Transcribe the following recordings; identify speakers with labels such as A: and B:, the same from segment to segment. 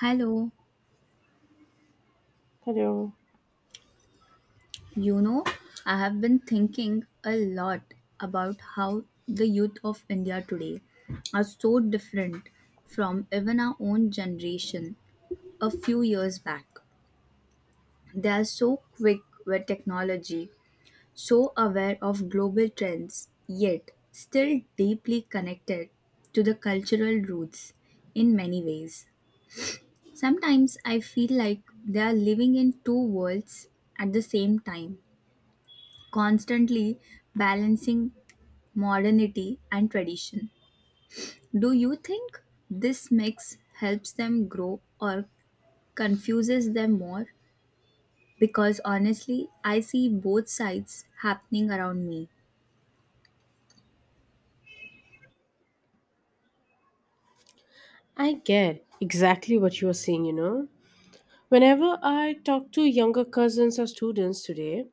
A: Hello,
B: Hello.
A: you know, I have been thinking a lot about how the youth of India today are so different from even our own generation a few years back. They are so quick with technology, so aware of global trends, yet still deeply connected to the cultural roots in many ways. Sometimes I feel like they are living in two worlds at the same time, constantly balancing modernity and tradition. Do you think this mix helps them grow or confuses them more? Because honestly, I see both sides happening around me.
B: I get exactly what you are saying, you know. Whenever I talk to younger cousins or students today,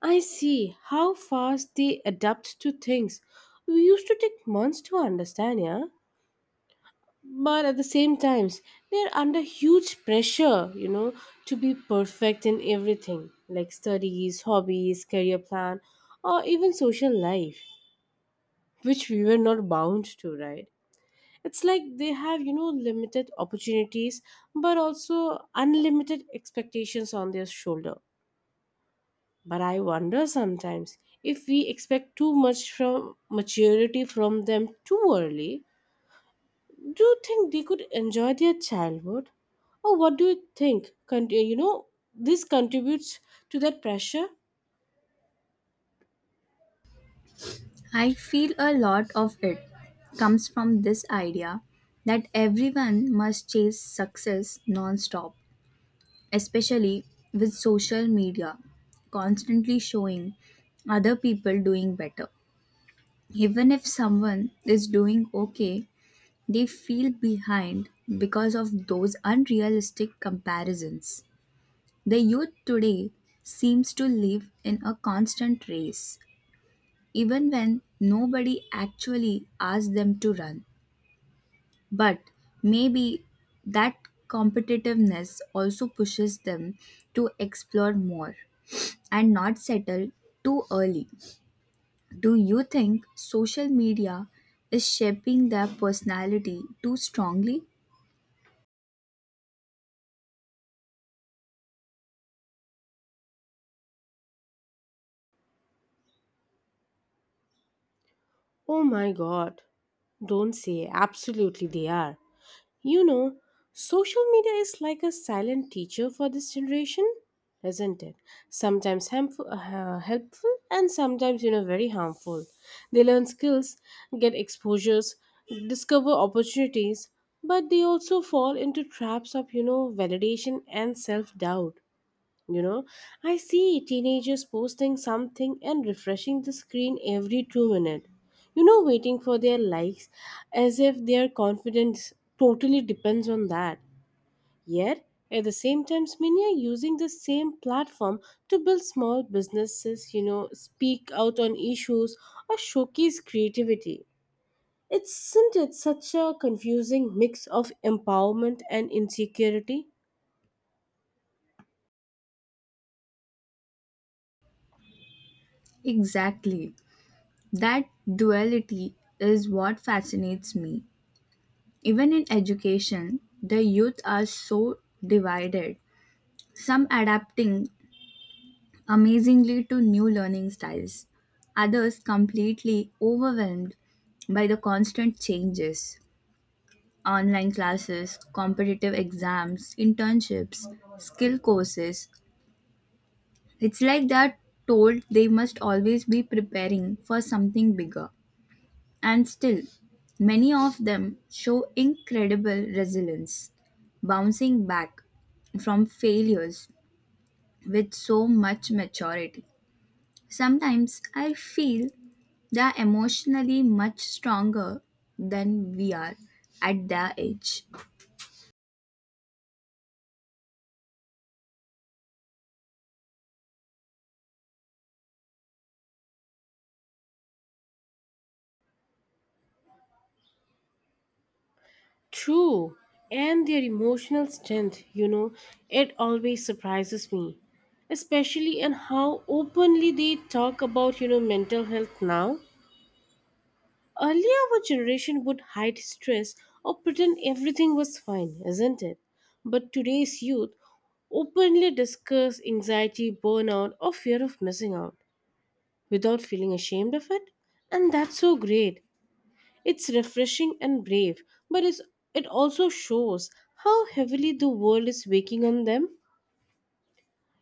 B: I see how fast they adapt to things. We used to take months to understand, yeah? But at the same times, they're under huge pressure, you know, to be perfect in everything, like studies, hobbies, career plan, or even social life, which we were not bound to, right? It's like they have, you know, limited opportunities, but also unlimited expectations on their shoulder. But I wonder sometimes if we expect too much from maturity from them too early. Do you think they could enjoy their childhood? Or what do you think this contributes to that pressure?
A: I feel a lot of it comes from this idea that everyone must chase success non-stop, especially with social media constantly showing other people doing better. Even if someone is doing okay, they feel behind because of those unrealistic comparisons. The youth today seems to live in a constant race, even when nobody actually asks them to run. But maybe that competitiveness also pushes them to explore more and not settle too early. Do you think social media is shaping their personality too strongly?
B: Oh my god, don't say, absolutely they are. You know, social media is like a silent teacher for this generation, isn't it? Sometimes harmful, helpful, and sometimes, you know, very harmful. They learn skills, get exposures, discover opportunities, but they also fall into traps of, you know, validation and self doubt. You know, I see teenagers posting something and refreshing the screen every 2 minutes. You know, waiting for their likes as if their confidence totally depends on that. Yet, at the same time, many are using the same platform to build small businesses, you know, speak out on issues or showcase creativity. Isn't it such a confusing mix of empowerment and insecurity?
A: Exactly. That duality is what fascinates me. Even in education, the youth are so divided, some adapting amazingly to new learning styles, others completely overwhelmed by the constant changes. Online classes, competitive exams, internships, skill courses, it's like they're told they must always be preparing for something bigger. And still, many of them show incredible resilience, bouncing back from failures with so much maturity. Sometimes I feel they're emotionally much stronger than we are at their age.
B: True, and their emotional strength, you know, it always surprises me, especially in how openly they talk about, you know, mental health now. Earlier, our generation would hide stress or pretend everything was fine, isn't it? But today's youth openly discuss anxiety, burnout, or fear of missing out without feeling ashamed of it. And that's so great. It's refreshing and brave, but it also shows how heavily the world is waking on them.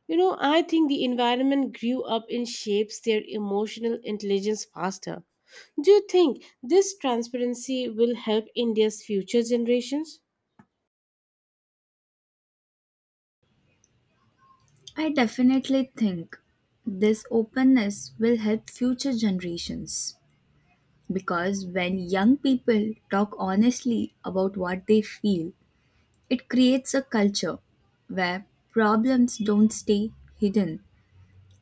B: You know, I think the environment grew up and shapes their emotional intelligence faster. Do you think this transparency will help India's future generations?
A: I definitely think this openness will help future generations. Because when young people talk honestly about what they feel, it creates a culture where problems don't stay hidden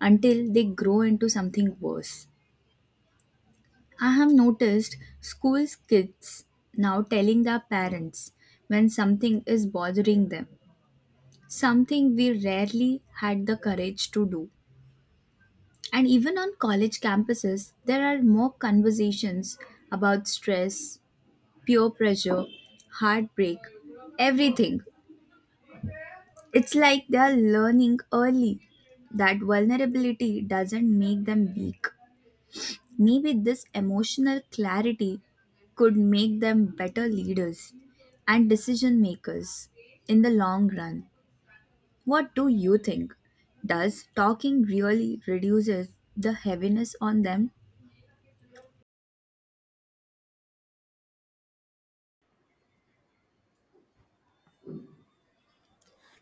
A: until they grow into something worse. I have noticed school's kids now telling their parents when something is bothering them, something we rarely had the courage to do. And even on college campuses, there are more conversations about stress, peer pressure, heartbreak, everything. It's like they're learning early that vulnerability doesn't make them weak. Maybe this emotional clarity could make them better leaders and decision makers in the long run. What do you think? Does talking really reduces the heaviness on them?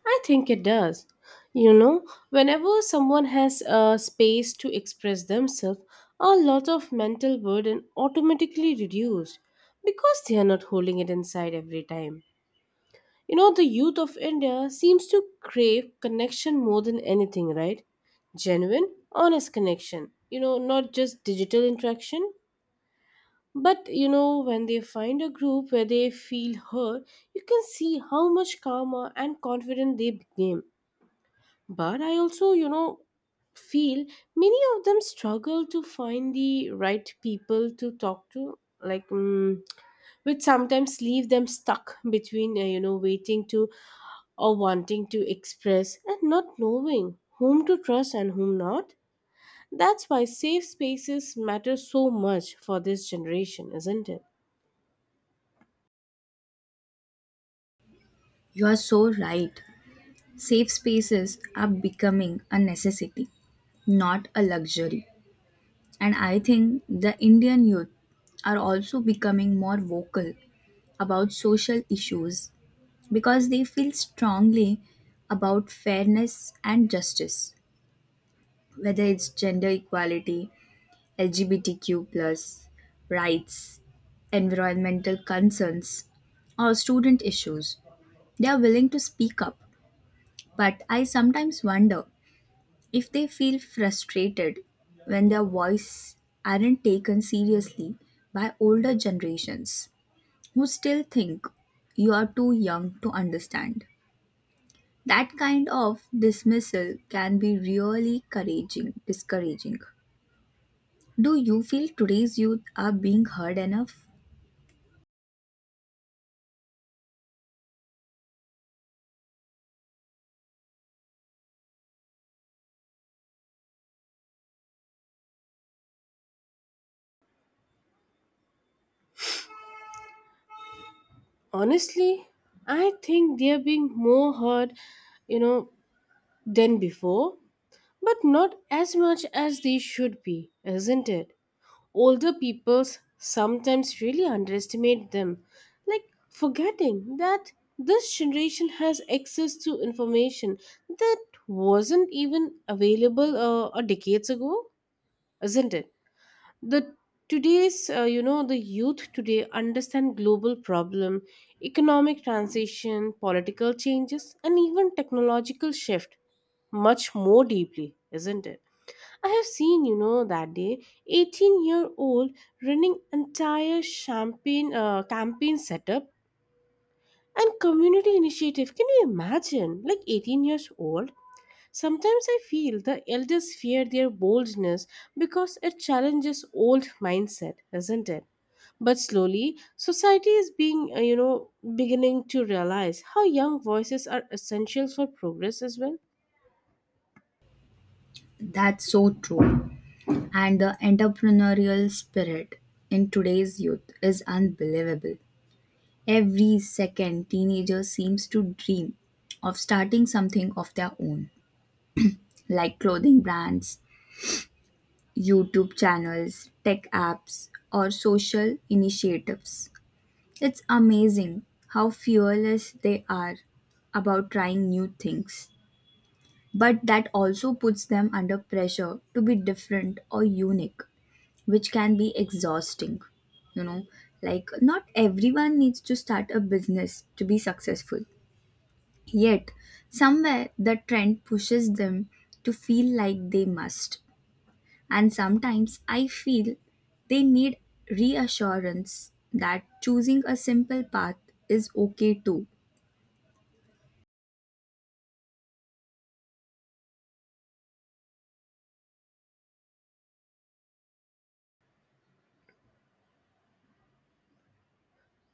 B: I think it does. You know, whenever someone has a space to express themselves, a lot of mental burden automatically reduced because they are not holding it inside every time. You know, the youth of India seems to crave connection more than anything, right? Genuine, honest connection. You know, not just digital interaction. But you know, when they find a group where they feel heard, you can see how much calmer and confident they became. But I also, you know, feel many of them struggle to find the right people to talk to. Which sometimes leave them stuck between you know, waiting to or wanting to express and not knowing whom to trust and whom not. That's why safe spaces matter so much for this generation, isn't it?
A: You are so right. Safe spaces are becoming a necessity, not a luxury. And I think the Indian youth are also becoming more vocal about social issues because they feel strongly about fairness and justice, whether it's gender equality, LGBTQ plus rights, environmental concerns, or student issues. They are willing to speak up, but I sometimes wonder if they feel frustrated when their voice aren't taken seriously by older generations who still think you are too young to understand. That kind of dismissal can be really couraging, discouraging. Do you feel today's youth are being heard enough?
B: Honestly, I think they are being more heard, you know, than before, but not as much as they should be, isn't it? Older peoples sometimes really underestimate them, like forgetting that this generation has access to information that wasn't even available decades ago, isn't it? The today's you know the youth today understand global problem, economic transition, political changes, and even technological shift much more deeply, isn't it? I have seen, you know, that day, 18-year-old running entire champagne campaign setup and community initiative. Can you imagine? Like 18 years old. Sometimes I feel the elders fear their boldness because it challenges old mindset, isn't it? But slowly, society is being, you know, beginning to realize how young voices are essential for progress as well.
A: That's so true. And the entrepreneurial spirit in today's youth is unbelievable. Every second, teenagers seems to dream of starting something of their own, like clothing brands, YouTube channels, tech apps, or social initiatives. It's amazing how fearless they are about trying new things. But that also puts them under pressure to be different or unique, which can be exhausting. You know, like not everyone needs to start a business to be successful. Yet, somewhere the trend pushes them to feel like they must. And sometimes I feel they need reassurance that choosing a simple path is okay too.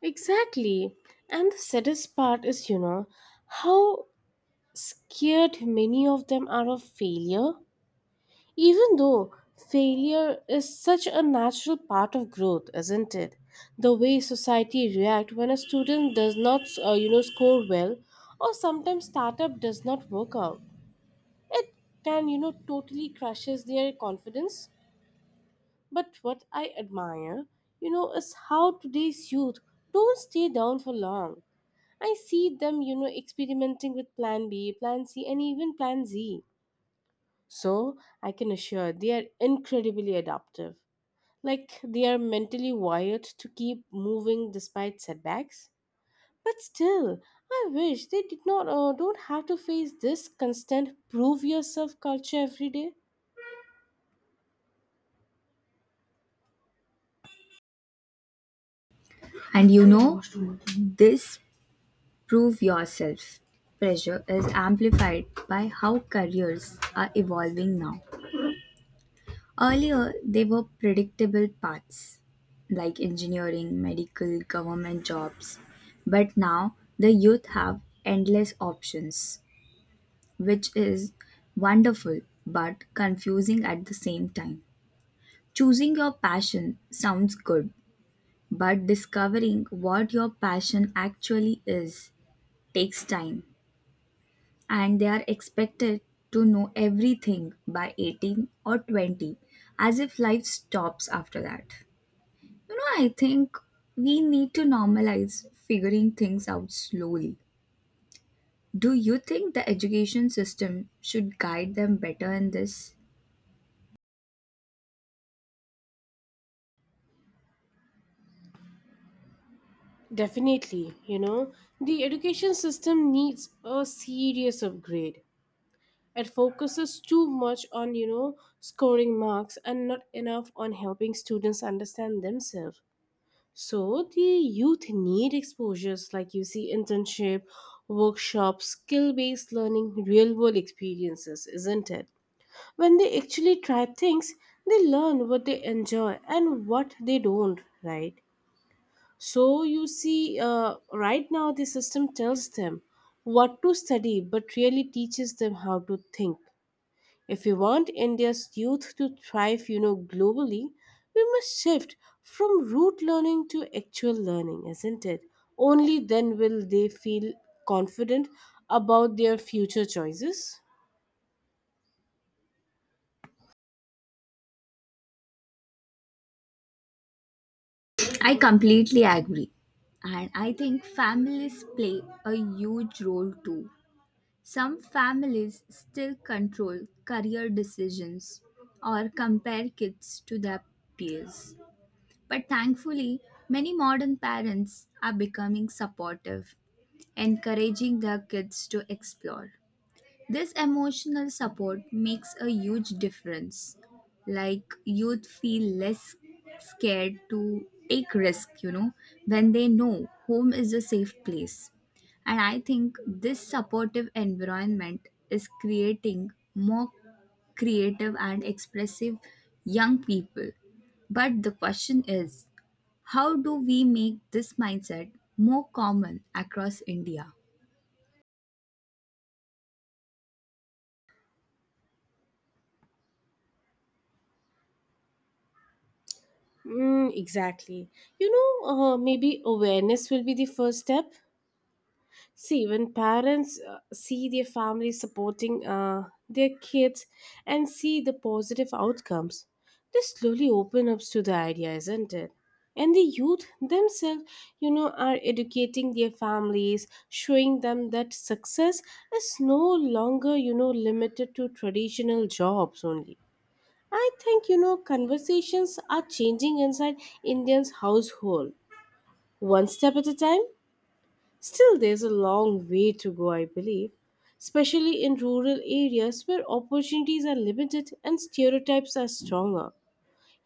B: Exactly. And the saddest part is, you know, how scared many of them are of failure, even though failure is such a natural part of growth, isn't it? The way society react when a student does not, you know, score well, or sometimes startup does not work out, it can, you know, totally crushes their confidence. But what I admire, you know, is how today's youth don't stay down for long. I see them, you know, experimenting with plan B, plan C, and even plan Z. So I can assure they are incredibly adaptive. Like they are mentally wired to keep moving despite setbacks. But still, I wish they did not don't have to face this constant prove yourself culture every day.
A: And you know, this prove yourself pressure is amplified by how careers are evolving now. Earlier, they were predictable paths like engineering, medical, government jobs. But now, the youth have endless options, which is wonderful but confusing at the same time. Choosing your passion sounds good, but discovering what your passion actually is takes time, and they are expected to know everything by 18 or 20, as if life stops after that. You know, I think we need to normalize figuring things out slowly. Do you think the education system should guide them better in this?
B: Definitely, you know, the education system needs a serious upgrade. It focuses too much on, you know, scoring marks and not enough on helping students understand themselves. So the youth need exposures like you see internship, workshops, skill-based learning, real-world experiences, isn't it? When they actually try things, they learn what they enjoy and what they don't, right? So you see, right now the system tells them what to study, but really teaches them how to think. If we want India's youth to thrive, you know, globally, we must shift from rote learning to actual learning, isn't it? Only then will they feel confident about their future choices.
A: I completely agree. And I think families play a huge role too. Some families still control career decisions or compare kids to their peers. But thankfully, many modern parents are becoming supportive, encouraging their kids to explore. This emotional support makes a huge difference. Like youth feel less scared to take risk, you know, when they know home is a safe place. And I think this supportive environment is creating more creative and expressive young people. But the question is, how do we make this mindset more common across India?
B: Mm, exactly. You know, maybe awareness will be the first step. See, when parents see their families supporting their kids and see the positive outcomes, they slowly open up to the idea, isn't it? And the youth themselves, you know, are educating their families, showing them that success is no longer, you know, limited to traditional jobs only. I think, you know, conversations are changing inside Indians' household, one step at a time. Still, there's a long way to go, I believe, especially in rural areas where opportunities are limited and stereotypes are stronger.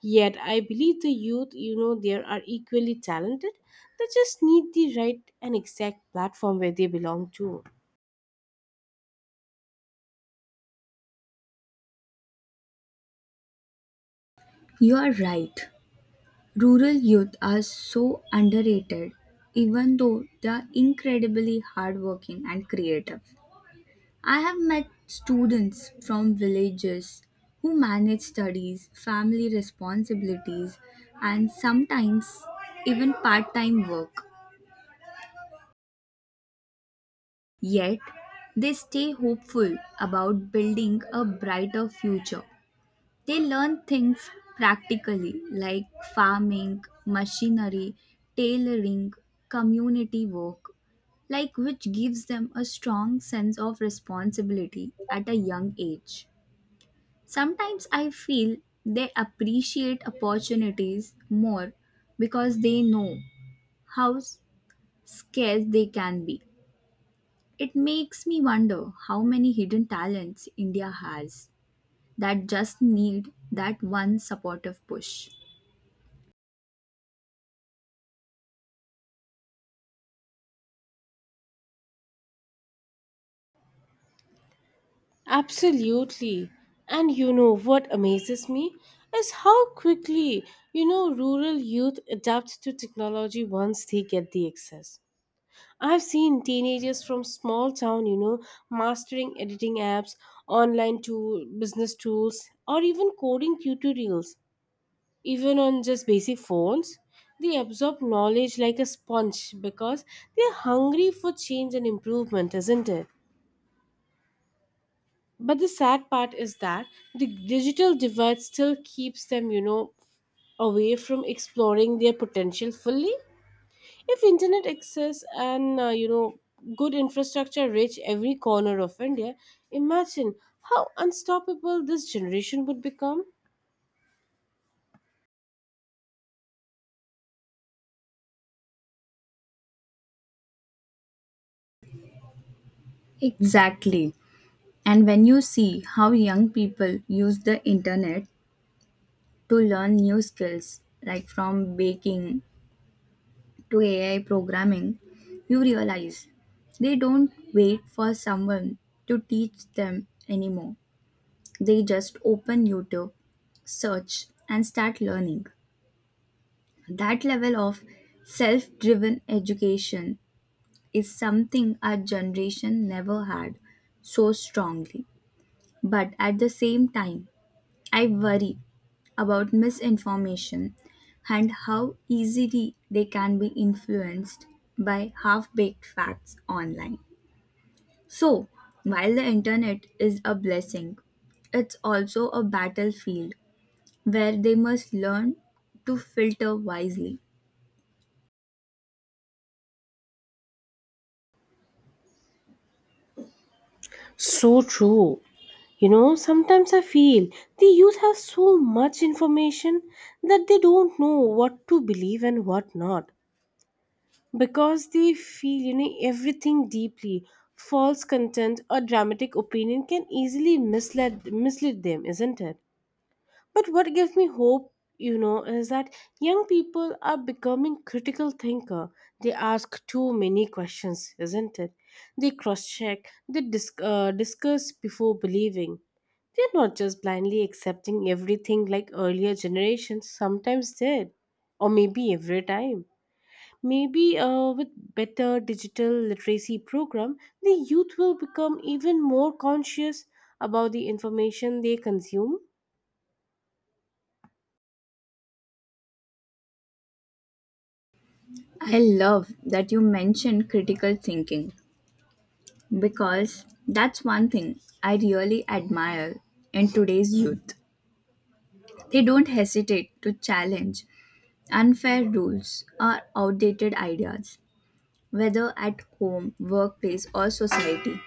B: Yet, I believe the youth, you know, there are equally talented. They just need the right and exact platform where they belong to.
A: You are right. Rural youth are so underrated, even though they are incredibly hardworking and creative. I have met students from villages who manage studies, family responsibilities, and sometimes even part time work. Yet, they stay hopeful about building a brighter future. They learn things practically like farming, machinery, tailoring, community work, like which gives them a strong sense of responsibility at a young age. Sometimes I feel they appreciate opportunities more because they know how scarce they can be. It makes me wonder how many hidden talents India has that just need that one supportive push.
B: Absolutely. And you know what amazes me is how quickly, you know, rural youth adapt to technology once they get the access. I've seen teenagers from small town, you know, mastering editing apps, online tool, business tools, or even coding tutorials. Even on just basic phones, they absorb knowledge like a sponge because they're hungry for change and improvement, isn't it? But the sad part is that the digital divide still keeps them, you know, away from exploring their potential fully. If internet access and you know, good infrastructure reach every corner of India, imagine how unstoppable this generation would become.
A: Exactly. And when you see how young people use the internet to learn new skills, like from baking to AI programming, you realize they don't wait for someone to teach them anymore. They just open YouTube, search, and start learning. That level of self driven education is something our generation never had so strongly. But at the same time, I worry about misinformation and how easily they can be influenced by half baked facts online. So, while the internet is a blessing, it's also a battlefield where they must learn to filter wisely.
B: So true. You know, sometimes I feel the youth have so much information that they don't know what to believe and what not, because they feel, you know, everything deeply. False content or dramatic opinion can easily mislead them, isn't it? But what gives me hope, you know, is that young people are becoming critical thinker. They ask too many questions, isn't it? They cross-check, they discuss before believing. They're not just blindly accepting everything like earlier generations sometimes did, or maybe every time. Maybe with better digital literacy program, the youth will become even more conscious about the information they consume.
A: I love that you mentioned critical thinking because that's one thing I really admire in today's youth. They don't hesitate to challenge unfair rules are outdated ideas, whether at home, workplace, or society.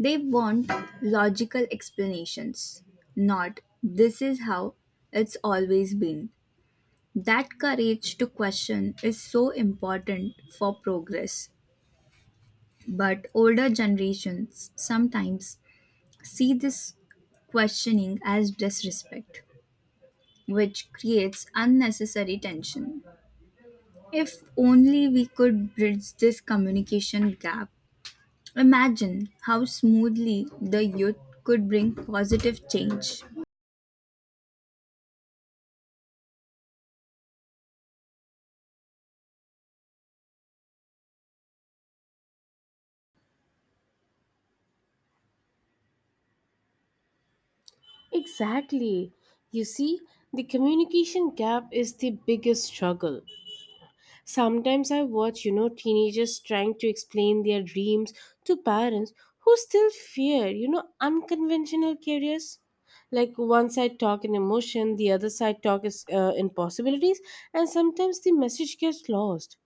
A: They want logical explanations, not this is how it's always been. That courage to question is so important for progress. But older generations sometimes see this questioning as disrespect, which creates unnecessary tension. If only we could bridge this communication gap. Imagine how smoothly the youth could bring positive change.
B: Exactly. You see, the communication gap is the biggest struggle. Sometimes I watch, you know, teenagers trying to explain their dreams to parents who still fear, you know, unconventional careers. Like one side talk in emotion, the other side talk is in possibilities, and sometimes the message gets lost.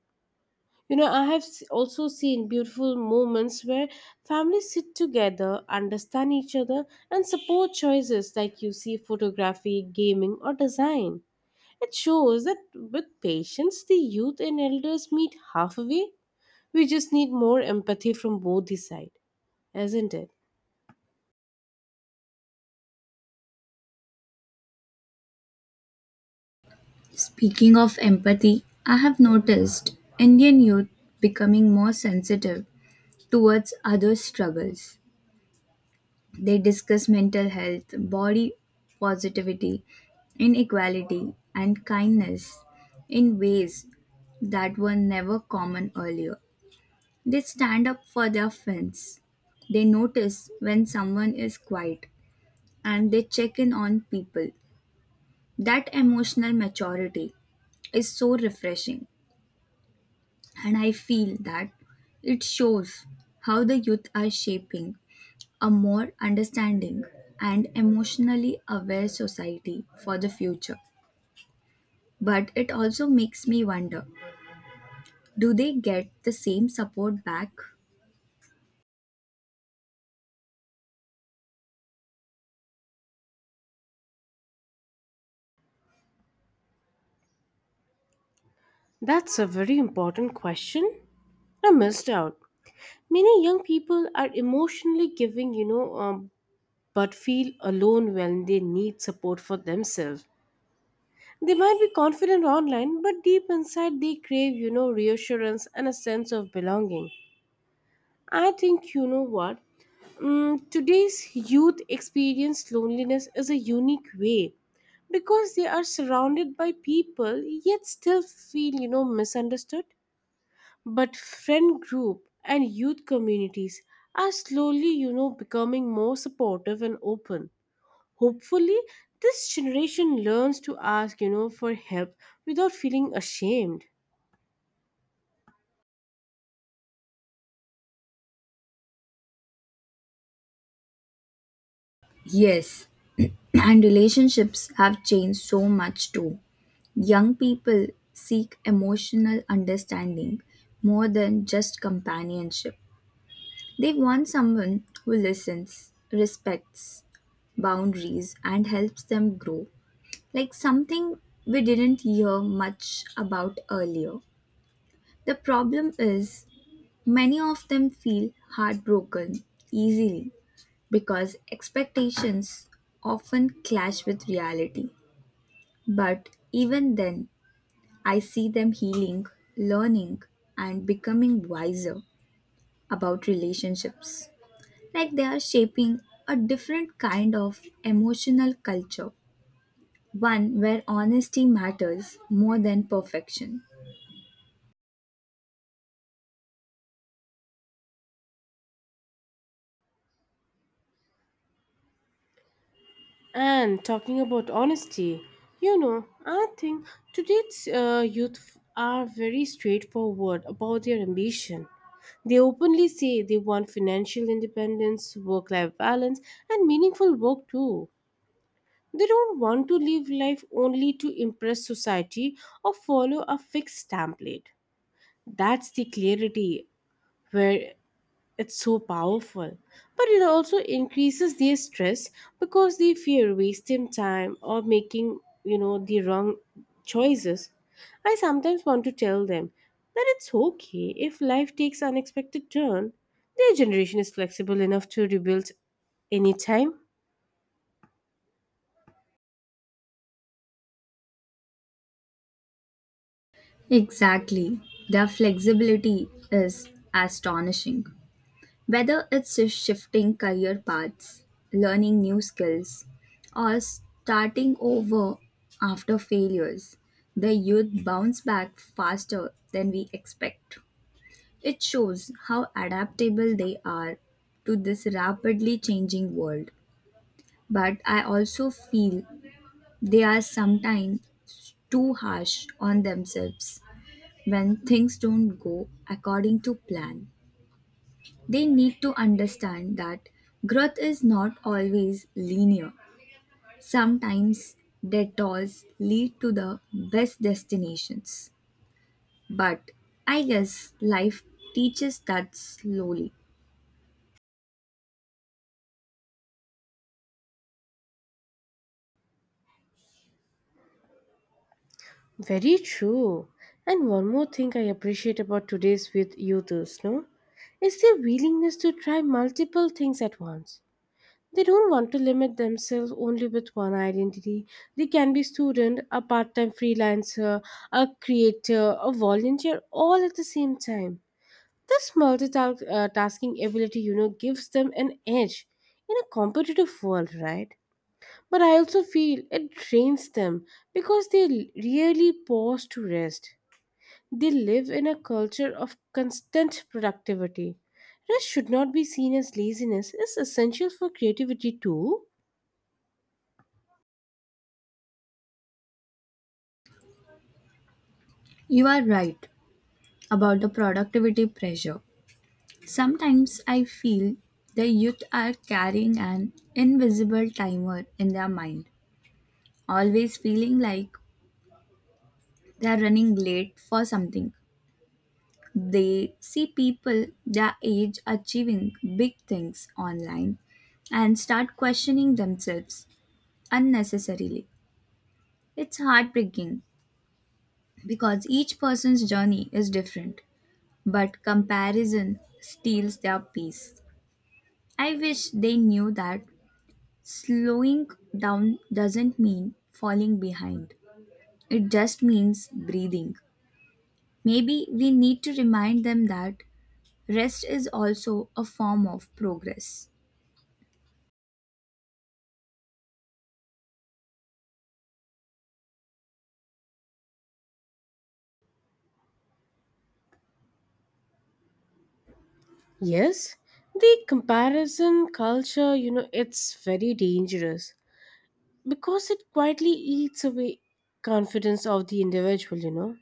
B: You know, I have also seen beautiful moments where families sit together, understand each other, and support choices like you see photography, gaming, or design. It shows that with patience, the youth and elders meet halfway. We just need more empathy from both the sides, isn't it?
A: Speaking of empathy, I have noticed Indian youth becoming more sensitive towards others' struggles. They discuss mental health, body positivity, inequality, and kindness in ways that were never common earlier. They stand up for their friends. They notice when someone is quiet and they check in on people. That emotional maturity is so refreshing, and I feel that it shows how the youth are shaping a more understanding and emotionally aware society for the future. But it also makes me wonder, do they get the same support back?
B: That's a very important question. I missed out. Many young people are emotionally giving, you know, but feel alone when they need support for themselves. They might be confident online, but deep inside they crave, you know, reassurance and a sense of belonging. I think, you know what? Today's youth experience loneliness is a unique way because they are surrounded by people yet still feel, you know, misunderstood. But friend group and youth communities are slowly, you know, becoming more supportive and open. Hopefully, this generation learns to ask, you know, for help without feeling ashamed.
A: Yes, and relationships have changed so much too. Young people seek emotional understanding more than just companionship. They want someone who listens, respects boundaries, and helps them grow, like something we didn't hear much about earlier. The problem is, many of them feel heartbroken easily because expectations often clash with reality. But even then, I see them healing, learning, and becoming wiser about relationships. Like they are shaping a different kind of emotional culture, one where honesty matters more than perfection.
B: And talking about honesty, you know, I think today's youth are very straightforward about their ambition. They openly say they want financial independence, work life balance, and meaningful work too. They don't want to live life only to impress society or follow a fixed template. That's the clarity where it's so powerful, but it also increases their stress because they fear wasting time or making, you know, the wrong choices. I sometimes want to tell them that it's okay if life takes unexpected turn. Their generation is flexible enough to rebuild anytime.
A: Exactly. Their flexibility is astonishing. Whether it's shifting career paths, learning new skills, or starting over after failures, the youth bounce back faster than we expect. It shows how adaptable they are to this rapidly changing world. But I also feel they are sometimes too harsh on themselves when things don't go according to plan. They need to understand that growth is not always linear. Sometimes detours lead to the best destinations. But I guess life teaches that slowly.
B: Very true. And one more thing I appreciate about today's with youth is no, is their willingness to try multiple things at once. They don't want to limit themselves only with one identity. They can be student, a part-time freelancer, a creator, a volunteer all at the same time. This multitasking ability, you know, gives them an edge in a competitive world, right? But I also feel it drains them because they rarely pause to rest. They live in a culture of constant productivity. Rest should not be seen as laziness, it's essential for creativity too.
A: You are right about the productivity pressure. Sometimes I feel the youth are carrying an invisible timer in their mind, always feeling like they are running late for something. They see people their age achieving big things online and start questioning themselves unnecessarily. It's heartbreaking because each person's journey is different, but comparison steals their peace. I wish they knew that slowing down doesn't mean falling behind, it just means breathing. Maybe we need to remind them that rest is also a form of progress.
B: Yes, the comparison culture, you know, it's very dangerous because it quietly eats away confidence of the individual, you know.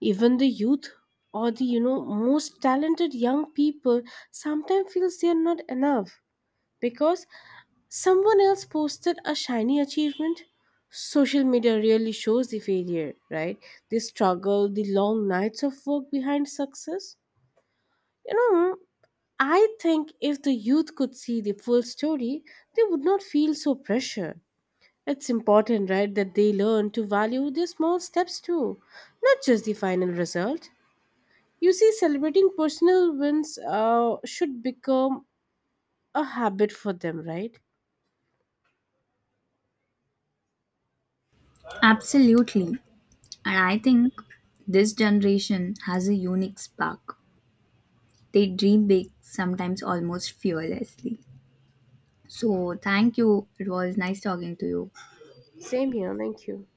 B: Even the youth or the, you know, most talented young people sometimes feels they are not enough because someone else posted a shiny achievement. Social media really shows the failure, right? The struggle, the long nights of work behind success. You know, I think if the youth could see the full story, they would not feel so pressured. It's important, right, that they learn to value their small steps too, not just the final result. You see, celebrating personal wins should become a habit for them, right?
A: Absolutely. And I think this generation has a unique spark. They dream big, sometimes almost fearlessly. So, thank you. It was nice talking to you.
B: Same here, thank you.